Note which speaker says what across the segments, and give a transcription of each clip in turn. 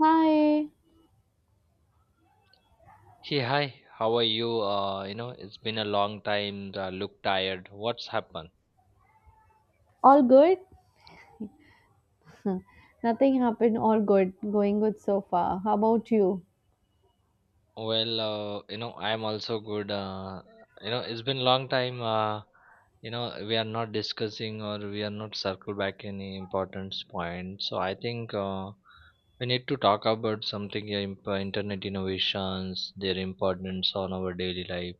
Speaker 1: Hi,
Speaker 2: Hey, hi, how are you? You know, it's been a long time. I look tired. What's happened?
Speaker 1: all good? Nothing happened, all good. Going good so far. How about you?
Speaker 2: Well, you know, I'm also good. You know, it's been long time. You know, we are not discussing or we are not circle back any important point. So I think we need to talk about something, yeah, internet innovations, their importance on our daily life.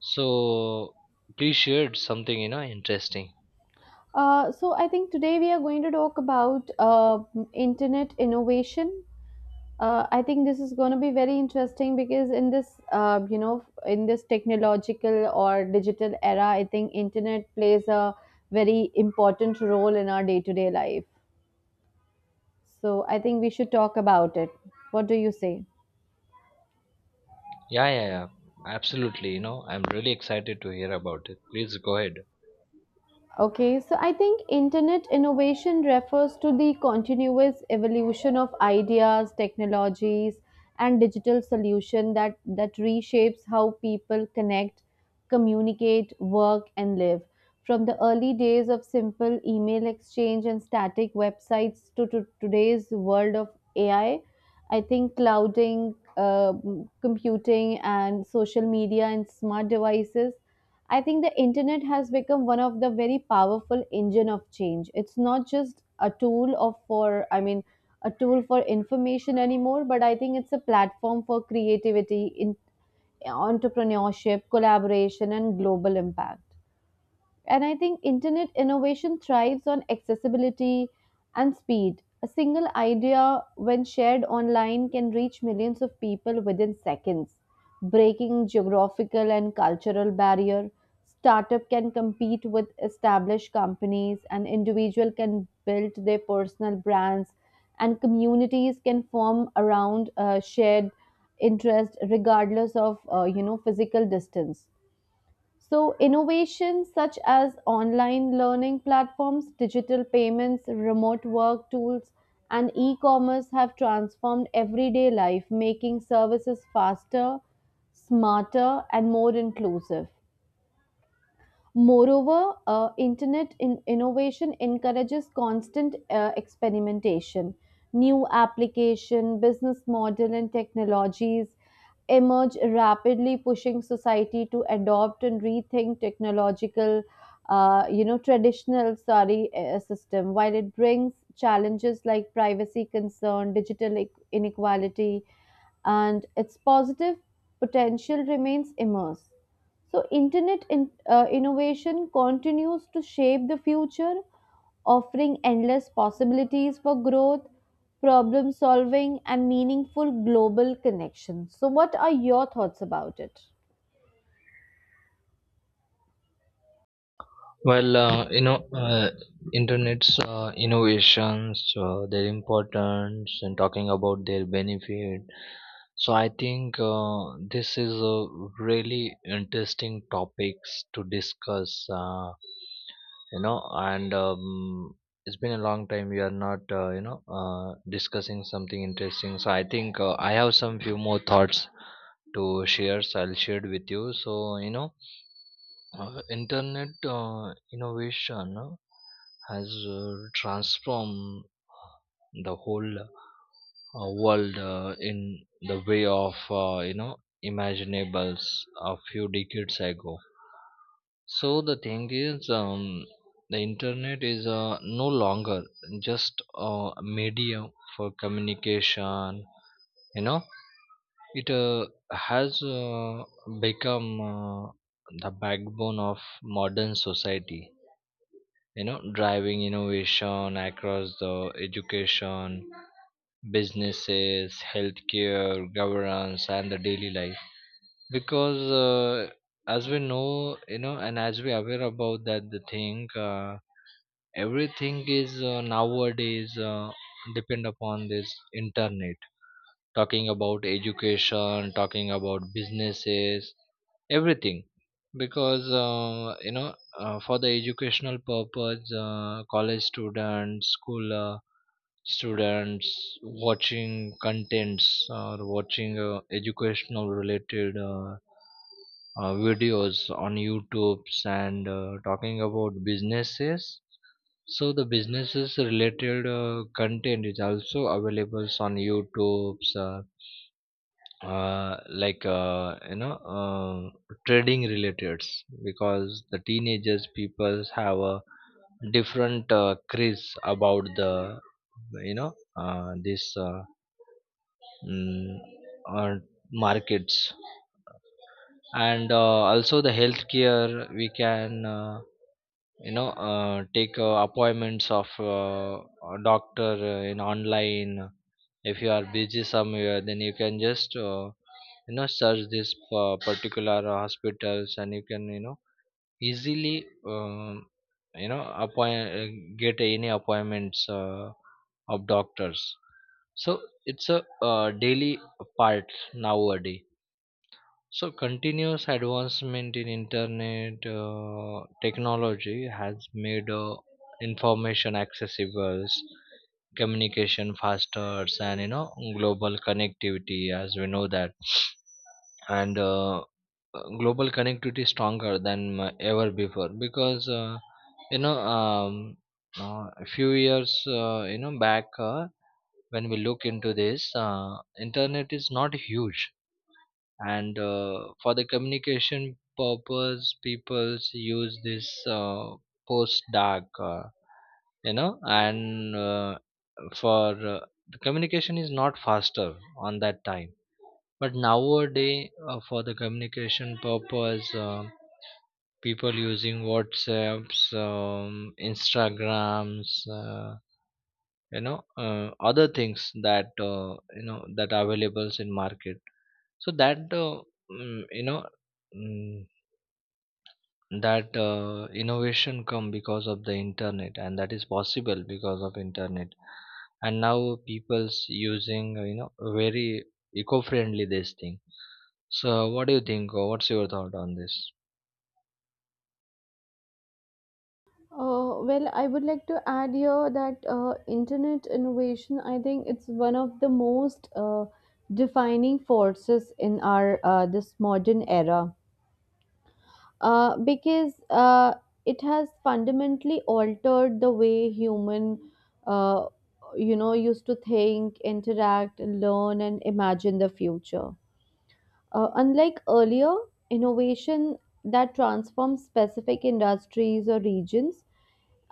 Speaker 2: So please share something, you know, interesting.
Speaker 1: So I think today we are going to talk about internet innovation. I think this is going to be very interesting because in this, in this technological or digital era, I think internet plays a very important role in our day-to-day life. So I think we should talk about it. What do you say?
Speaker 2: Yeah, yeah, yeah. Absolutely. You know, I'm really excited to hear about it. Please go ahead.
Speaker 1: Okay, so I think internet innovation refers to the continuous evolution of ideas, technologies, and digital solution that reshapes how people connect, communicate, work, and live. From the early days of simple email exchange and static websites to today's world of AI, I think clouding, uh, computing, and social media and smart devices I think the internet has become one of the very powerful engine of change. It's not just a tool for information anymore, but I think it's a platform for creativity, in entrepreneurship, collaboration and global impact. And I think internet innovation thrives on accessibility and speed. A single idea when shared online can reach millions of people within seconds, breaking geographical and cultural barrier. Startup can compete with established companies and individual can build their personal brands and communities can form around shared interest regardless of physical distance. So, innovations such as online learning platforms, digital payments, remote work tools, and e commerce have transformed everyday life, making services faster, smarter, and more inclusive. Moreover, internet innovation encourages constant experimentation. New application, business model, and technologies emerge rapidly, pushing society to adopt and rethink technological, traditional sorry system. While it brings challenges like privacy concern, digital inequality, and its positive potential remains immense. So internet innovation continues to shape the future, offering endless possibilities for growth, problem solving and meaningful global connections. So what are your thoughts about it?
Speaker 2: Well, you know, internet's innovations, their importance, and talking about their benefit. So I think this is a really interesting topics to discuss. You know, and it's been a long time we are not discussing something interesting. So I think I have some few more thoughts to share. So I'll share it with you. So you know, internet innovation has transformed the whole world in the way of, you know, imaginables a few decades ago. So the thing is, the internet is no longer just a medium for communication. You know, it has become the backbone of modern society, you know, driving innovation across the education, businesses, healthcare, governance, and the daily life. Because as we know, you know, and as we aware about that, the thing everything is nowadays depend upon this internet, talking about education, talking about businesses, everything. Because, you know, for the educational purpose, college students, school students watching contents or watching educational related videos on YouTube's, and talking about businesses. So the businesses related content is also available on YouTube's, like, you know uh, trading related because the teenagers people have a different craze about the you know, this mm, uh, markets, and also the healthcare. We can you know, take appointments of a doctor in online. If you are busy somewhere, then you can just you know, search this particular hospitals, and you can, you know, easily you know, appoint get any appointments of doctors. So it's a daily part nowadays. So continuous advancement in internet technology has made information accessible, communication faster, and, you know, global connectivity, as we know that, and global connectivity stronger than ever before. Because you know, a few years, you know, back, when we look into this, internet is not huge, and for the communication purpose peoples use this post dark, you know, and for the communication is not faster on that time. But nowadays, for the communication purpose, people using whatsapps, instagrams, you know, other things that you know, that are available in market. So that mm, you know mm, that innovation come because of the internet, and that is possible because of internet. And now people's using, you know, very eco-friendly this thing. So what do you think, or what's your thought on this?
Speaker 1: Well, I would like to add here that internet innovation, I think it's one of the most defining forces in our this modern era. Because it has fundamentally altered the way human uh, used to think, interact, learn and imagine the future. Unlike earlier innovation that transforms specific industries or regions,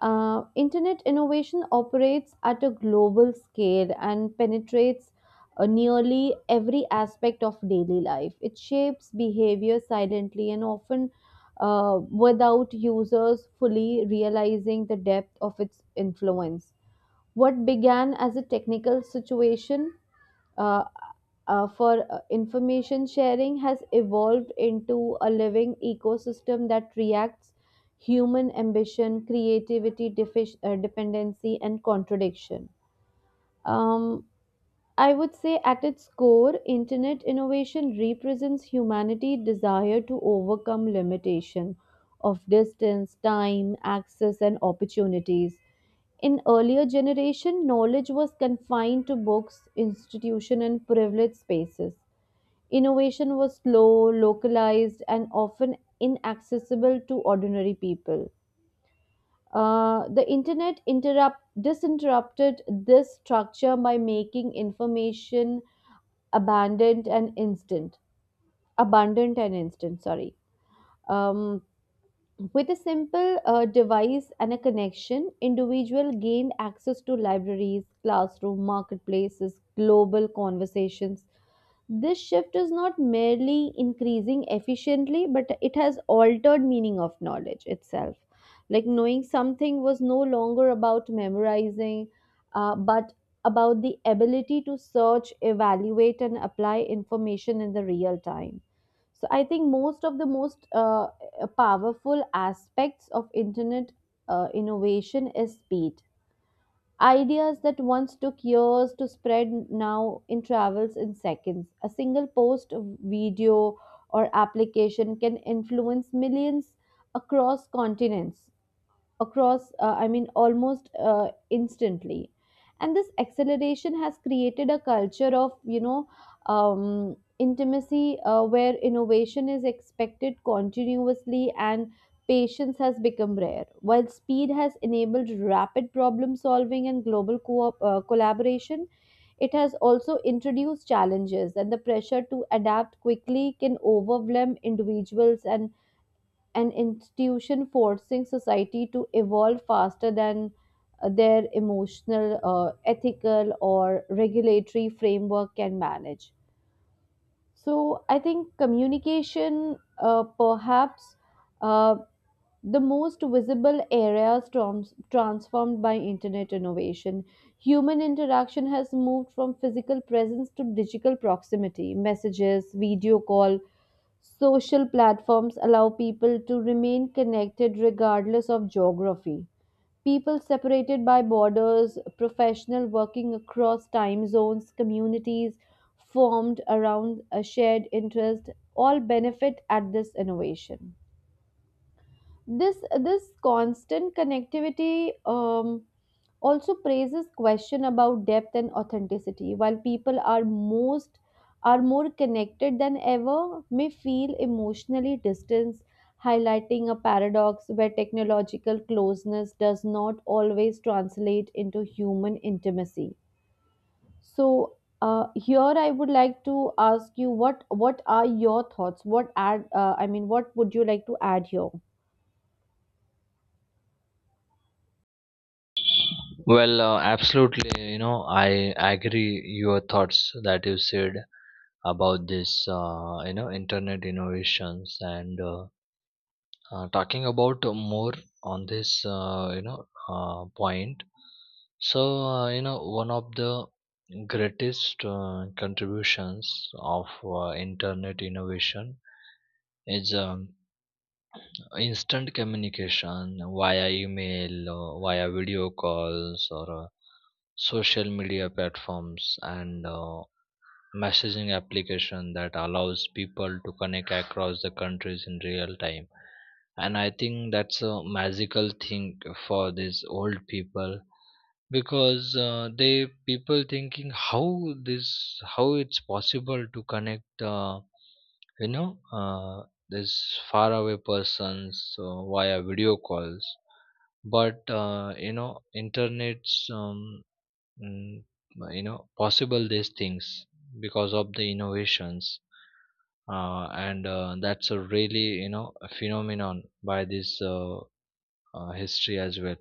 Speaker 1: internet innovation operates at a global scale and penetrates nearly every aspect of daily life. It shapes behavior silently and often without users fully realizing the depth of its influence. What began as a technical situation uh, for information sharing has evolved into a living ecosystem that reacts human ambition, creativity, dependency, and contradiction. Um, I would say at its core, internet innovation represents humanity's desire to overcome limitation of distance, time, access, and opportunities. In earlier generation, knowledge was confined to books, institution and privileged spaces. Innovation was slow, localized and often inaccessible to ordinary people. The internet interrupt disinterrupted this structure by making information abundant and instant abundant and instant sorry. um, With a simple device and a connection, individual gained access to libraries, classroom, marketplaces, global conversations. This shift is not merely increasing efficiently, but it has altered meaning of knowledge itself. Like knowing something was no longer about memorizing, but about the ability to search, evaluate, and apply information in the real time. So I think most powerful aspects of internet innovation is speed. Ideas that once took years to spread now in travels in seconds. A single post, video, or application can influence millions across continents, across I mean almost instantly. And this acceleration has created a culture of intimacy where innovation is expected continuously and patience has become rare. While speed has enabled rapid problem solving and global collaboration, it has also introduced challenges, and the pressure to adapt quickly can overwhelm individuals and an institution, forcing society to evolve faster than their emotional, ethical, or regulatory framework can manage. So, I think communication, perhaps uh, the most visible areas transformed by internet innovation. Human interaction has moved from physical presence to digital proximity, messages, video call. Social platforms allow people to remain connected regardless of geography. People separated by borders, professional working across time zones, communities formed around a shared interest all benefit at this innovation. This constant connectivity also praises question about depth and authenticity. While people are most are more connected than ever, may feel emotionally distanced, highlighting a paradox where technological closeness does not always translate into human intimacy. So here I would like to ask you what are your thoughts, what would you like to add here?
Speaker 2: Well, absolutely. You know, I agree your thoughts that you said about this. You know, internet innovations and talking about more on this. You know, point. So you know, one of the greatest contributions of internet innovation is instant communication via email, via video calls, or social media platforms, and messaging application that allows people to connect across the countries in real time. And I think that's a magical thing for these old people. Because they people thinking how this, how it's possible to connect you know uh, this faraway persons via video calls. But you know, internet's mm, you know, possible these things because of the innovations. And that's a really, you know, a phenomenon by this history as well.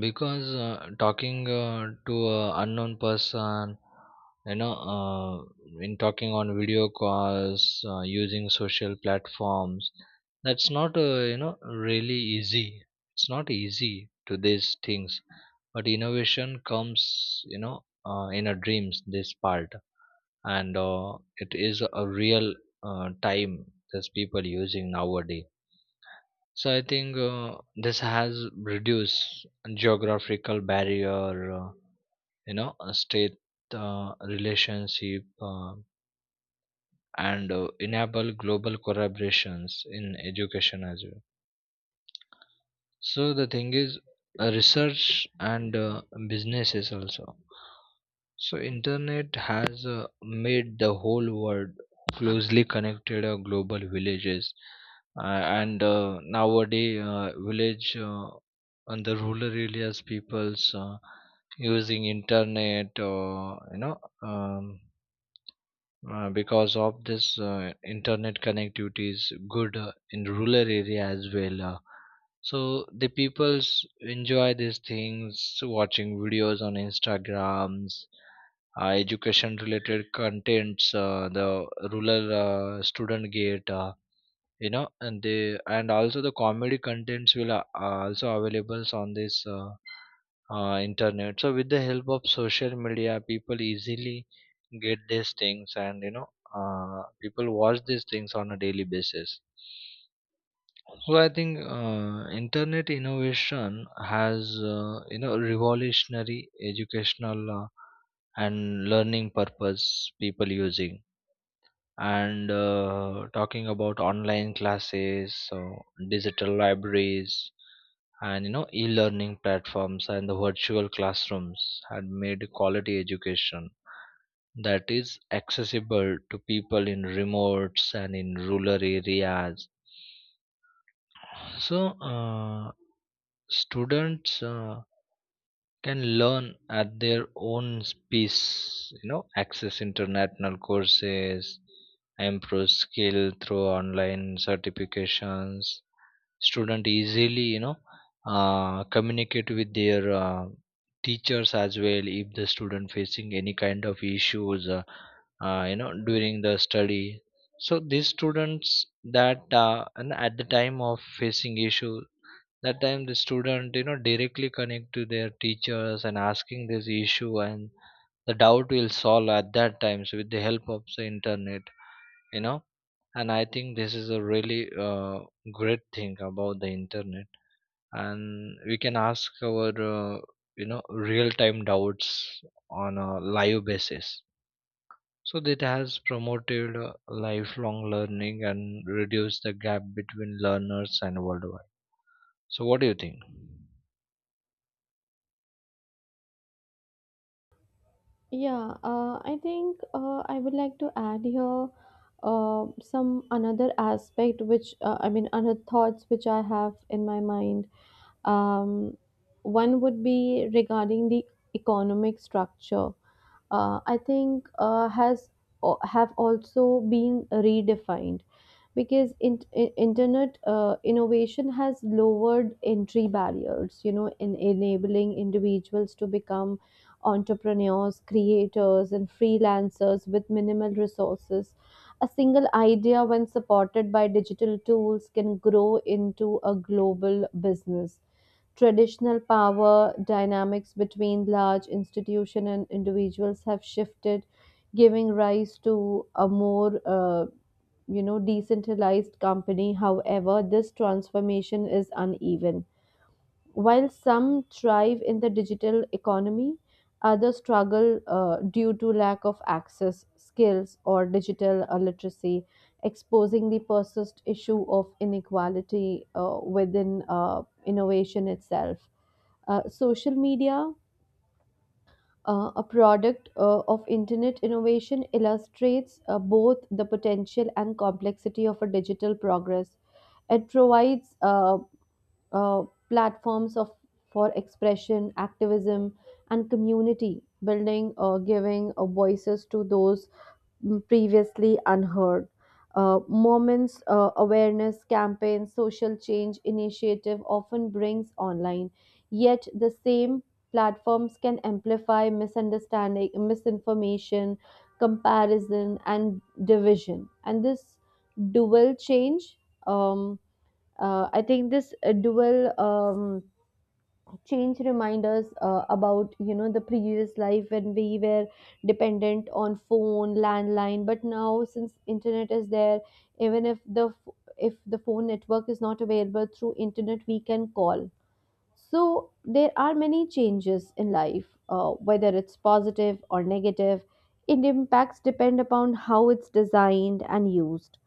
Speaker 2: Because talking to an unknown person, you know, in talking on video calls, using social platforms, that's not you know, really easy. It's not easy to these things. But innovation comes, you know, in a dreams this part. And it is a real time that people using nowadays. So I think this has reduced geographical barrier, you know, state relationship, and enable global collaborations in education as well. So the thing is, research and businesses also. So internet has made the whole world closely connected, global villages. uh, and nowadays, village and the rural areas peoples using internet, or you know, because of this, internet connectivity is good in rural area as well. So the peoples enjoy these things, watching videos on instagrams, education related contents. The rural student get, you know, and they, and also the comedy contents will are also available on this internet. So with the help of social media, people easily get these things, and, you know, people watch these things on a daily basis. So I think internet innovation has, you know, revolutionary educational and learning purpose people using. And talking about online classes, so digital libraries, and, you know, e-learning platforms and the virtual classrooms had made quality education that is accessible to people in remotes and in rural areas. So students can learn at their own pace, you know, access international courses, improve skill through online certifications. Student easily, you know, communicate with their teachers as well if the student facing any kind of issues, you know, during the study. So these students that and at the time of facing issue, that time the student, you know, directly connect to their teachers and asking this issue, and the doubt will solve at that time, so with the help of the internet, you know. And I think this is a really great thing about the internet, and we can ask our you know, real time doubts on a live basis. So that has promoted lifelong learning and reduced the gap between learners and worldwide. So what do you think?
Speaker 1: Yeah, I think I would like to add here some another aspect, which I mean, other thoughts which I have in my mind. Um, one would be regarding the economic structure. I think have also been redefined because internet innovation has lowered entry barriers, you know, in enabling individuals to become entrepreneurs, creators and freelancers with minimal resources. A single idea when supported by digital tools can grow into a global business. Traditional power dynamics between large institutions and individuals have shifted, giving rise to a more decentralized company. However, this transformation is uneven. While some thrive in the digital economy, others struggle due to lack of access, skills, or digital literacy, exposing the persist issue of inequality within innovation itself. Social media, a product of internet innovation, illustrates both the potential and complexity of a digital progress. It provides uh, platforms of for expression, activism, and community building, giving voices to those previously unheard. Moments, awareness campaigns, social change initiative often brings online. Yet the same platforms can amplify misunderstanding, misinformation, comparison, and division. And this dual change. Um, I think this dual change reminds us about, you know, the previous life when we were dependent on phone landline, but now since internet is there, even if if the phone network is not available, through internet we can call. So there are many changes in life, whether it's positive or negative. It impacts depend upon how it's designed and used.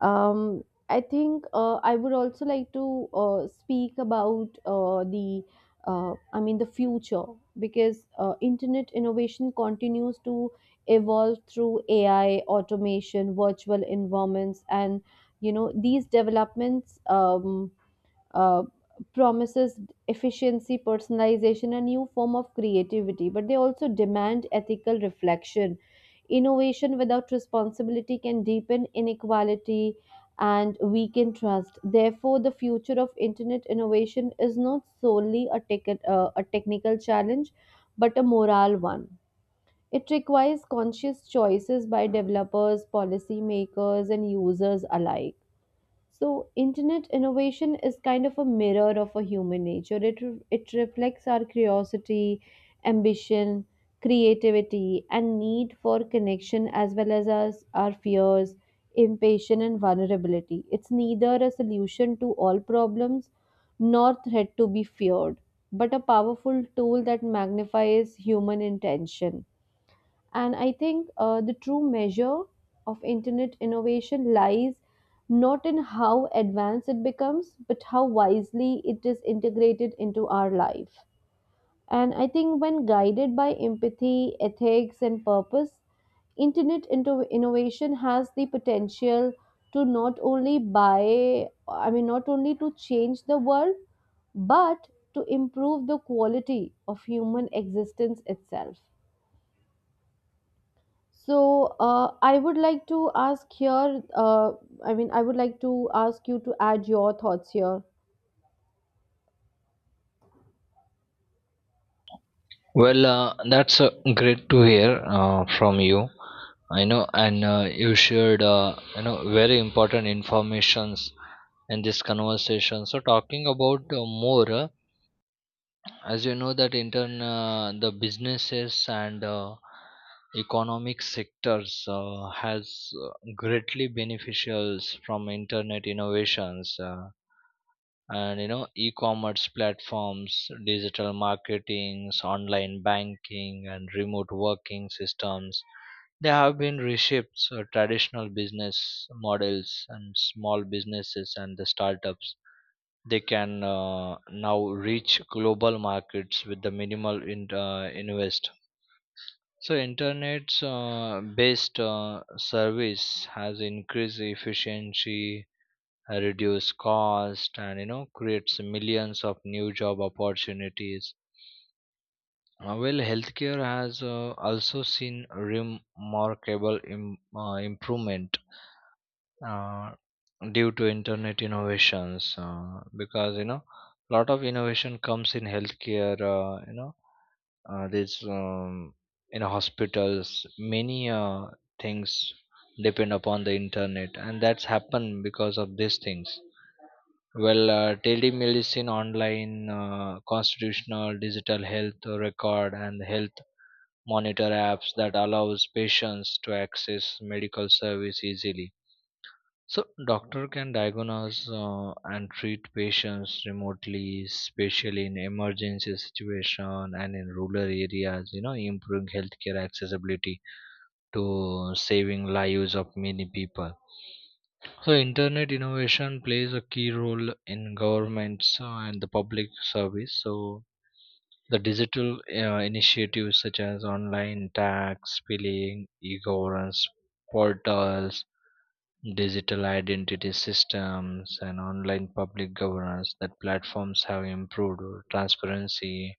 Speaker 1: um, I think I would also like to speak about the future, because internet innovation continues to evolve through AI, automation, virtual environments, and you know these developments. Uh, Promises efficiency, personalization, a new form of creativity, but they also demand ethical reflection. Innovation without responsibility can deepen inequality and weaken trust. Therefore, the future of internet innovation is not solely a, a technical challenge, but a moral one. It requires conscious choices by developers, policymakers, and users alike. So internet innovation is kind of a mirror of a human nature. It reflects our curiosity, ambition, creativity, and need for connection as well as our fears, impatience, and vulnerability. It's neither a solution to all problems nor threat to be feared, but a powerful tool that magnifies human intention. And I think the true measure of internet innovation lies not in how advanced it becomes, but how wisely it is integrated into our life. And I think when guided by empathy, ethics, and purpose, internet into innovation has the potential to not only buy, I mean, not only to change the world, but to improve the quality of human existence itself. So, I would like to ask here, I would like to ask you to add your thoughts here.
Speaker 2: Well, that's great to hear from you. I know, and you shared, you know, very important informations in this conversation. So talking about more, as you know, that intern the businesses and economic sectors has greatly beneficials from internet innovations. And, you know, e-commerce platforms, digital marketings, online banking, and remote working systems, they have been reshaped. So traditional business models, and small businesses and the startups, they can, now reach global markets with the minimal invest. So internet's based service has increased efficiency, reduce cost, and, you know, creates millions of new job opportunities. Well, healthcare has also seen remarkable improvement uh, due to internet innovations, because, you know, a lot of innovation comes in healthcare, you know, these in hospitals many things depend upon the internet, and that's happened because of these things. Well, telemedicine, online constitutional, digital health record, and health monitor apps that allows patients to access medical service easily. So doctor can diagnose and treat patients remotely, especially in emergency situation and in rural areas, you know, improving healthcare accessibility to saving lives of many people. So internet innovation plays a key role in governments and the public service. So the digital initiatives, such as online tax, billing, e-governance portals, digital identity systems, and online public governance that platforms, have improved transparency,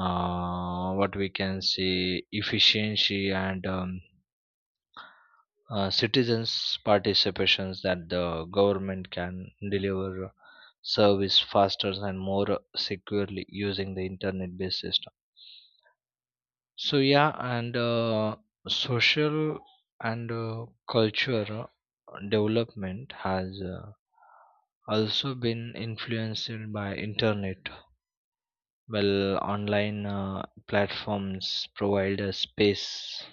Speaker 2: what we can see, efficiency, and citizens participations, that the government can deliver service faster and more securely using the internet based system. So yeah, and social and culture development has also been influenced by internet. Well, online platforms provide a space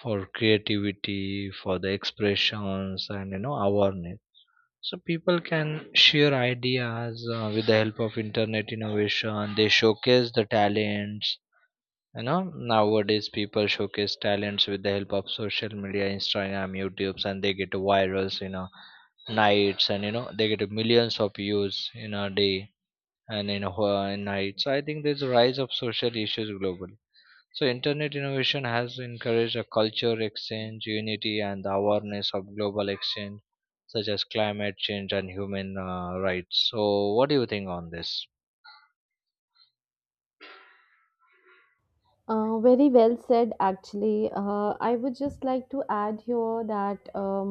Speaker 2: for creativity, for the expressions, and, you know, awareness. So people can share ideas with the help of internet innovation. They showcase the talents. You know, nowadays people showcase talents with the help of social media, Instagram, YouTube, and they get virals in a nights, and, you know, they get millions of views in a day and in, in night. So I think there's a rise of social issues globally. So internet innovation has encouraged a culture exchange, unity, and the awareness of global exchange, such as climate change and human rights. So what do you think on this?
Speaker 1: Very well said, actually. I would just like to add here that um,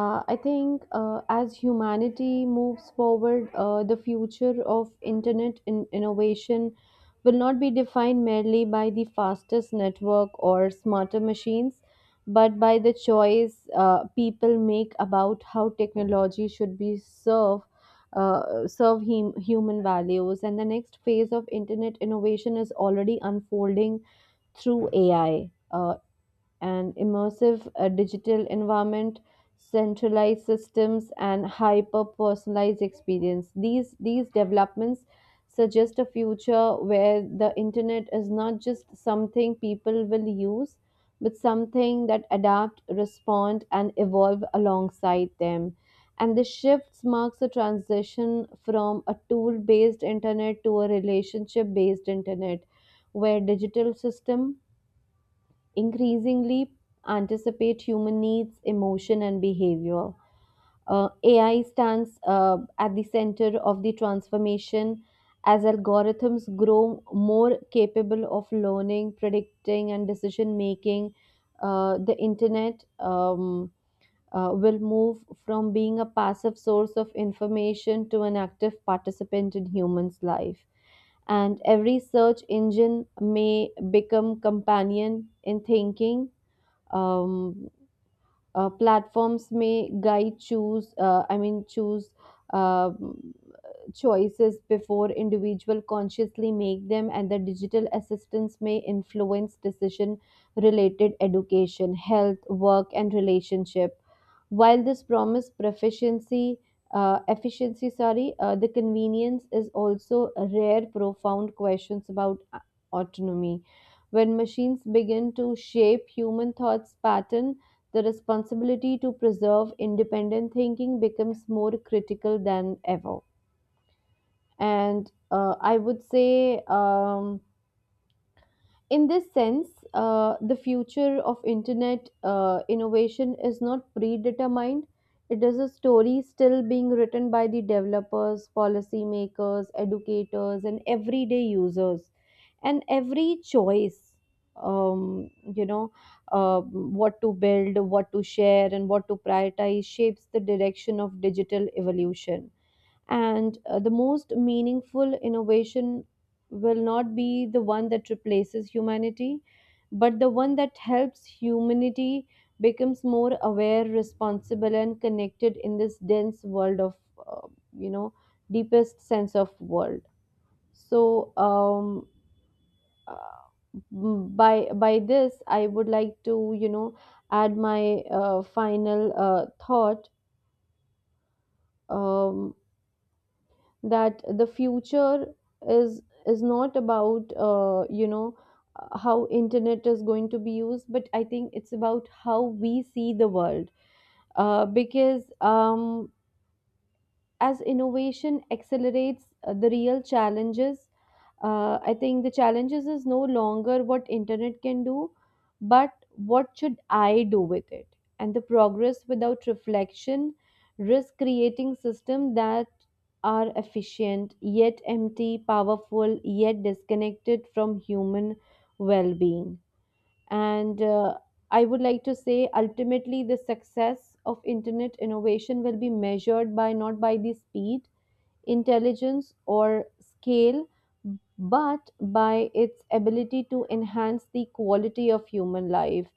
Speaker 1: Uh, I think as humanity moves forward, the future of internet innovation will not be defined merely by the fastest network or smarter machines, but by the choice people make about how technology should be serve serve human values. And the next phase of internet innovation is already unfolding through AI. An immersive digital environment, centralized systems, and hyper personalized experience. These developments suggest a future where the internet is not just something people will use, but something that adapt, respond, and evolve alongside them. And this shift marks a transition from a tool based internet to a relationship based internet where digital system increasingly anticipate human needs, emotion, and behavior. AI stands at the center of the transformation as algorithms grow more capable of learning, predicting, and decision making. The internet will move from being a passive source of information to an active participant in humans' life, and every search engine may become companion in thinking. um, Platforms may guide choose I mean choose um, choices before individuals consciously make them, and the digital assistance may influence decision related education, health, work and relationship. While this promise proficiency efficiency sorry, the convenience is also rare profound questions about autonomy. When machines begin to shape human thoughts pattern, the responsibility to preserve independent thinking becomes more critical than ever. And I would say in this sense, the future of internet innovation is not predetermined. It is a story still being written by the developers, policymakers, educators and everyday users. And every choice, um, you know what to build, what to share and what to prioritize shapes the direction of digital evolution. And the most meaningful innovation will not be the one that replaces humanity, but the one that helps humanity becomes more aware, responsible and connected in this dense world of uh, you know deepest sense of world. So um uh, by by this I would like to, add my final thought um that the future is is not about, how internet is going to be used, but I think it's about how we see the world. Because as innovation accelerates, the real challenges I think the challenges is no longer what internet can do, but what should I do with it. And the progress without reflection risk creating systems that are efficient yet empty, powerful yet disconnected from human well-being. And I would like to say ultimately the success of internet innovation will be measured by not by the speed, intelligence, or scale, but by its ability to enhance the quality of human life.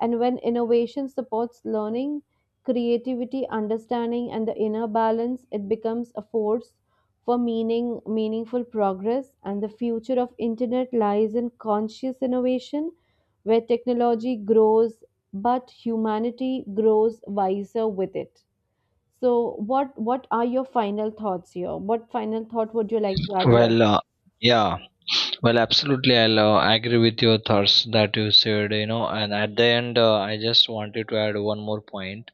Speaker 1: And when innovation supports learning, creativity, understanding, and the inner balance, it becomes a force for meaningful progress. And the future of internet lies in conscious innovation, where technology grows, but humanity grows wiser with it. So what are your final thoughts here? What final thought would you like to add here?
Speaker 2: Well, yeah. Well, absolutely. I'll agree with your thoughts that you said, you know, and at the end, I just wanted to add one more point.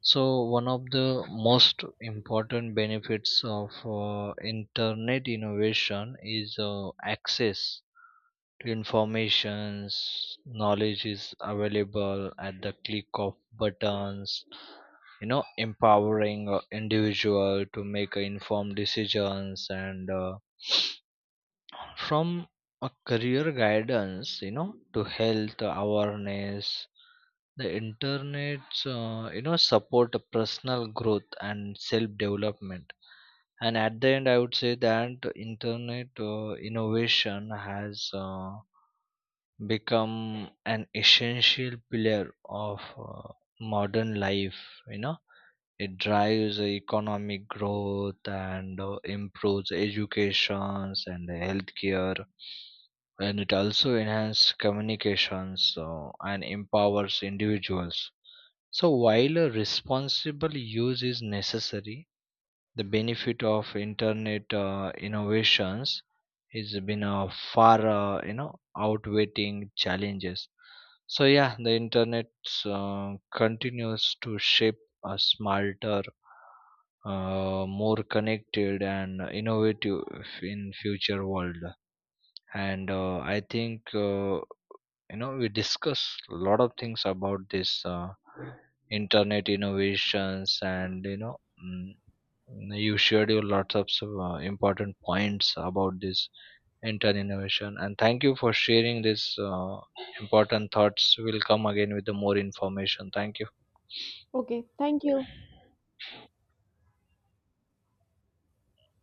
Speaker 2: So one of the most important benefits of internet innovation is access to informations. Knowledge is available at the click of buttons, you know, empowering individual to make informed decisions, and from a career guidance, you know, to health awareness, the internet, you know, support personal growth and self development. And at the end, I would say that internet innovation has become an essential pillar of modern life, you know. It drives economic growth, and improves educations and healthcare, and it also enhances communications and empowers individuals. So while a responsible use is necessary, the benefit of internet innovations has been, far, you know, outweighing challenges. So yeah, the internet uh, continues to shape a smarter, more connected and innovative in future world. And I think you know, we discuss a lot of things about this internet innovations, and you know, mm, you shared your lots of so, important points about this entire innovation, and thank you for sharing this important thoughts. We'll come again with the more information. Thank you.
Speaker 1: Okay, thank you.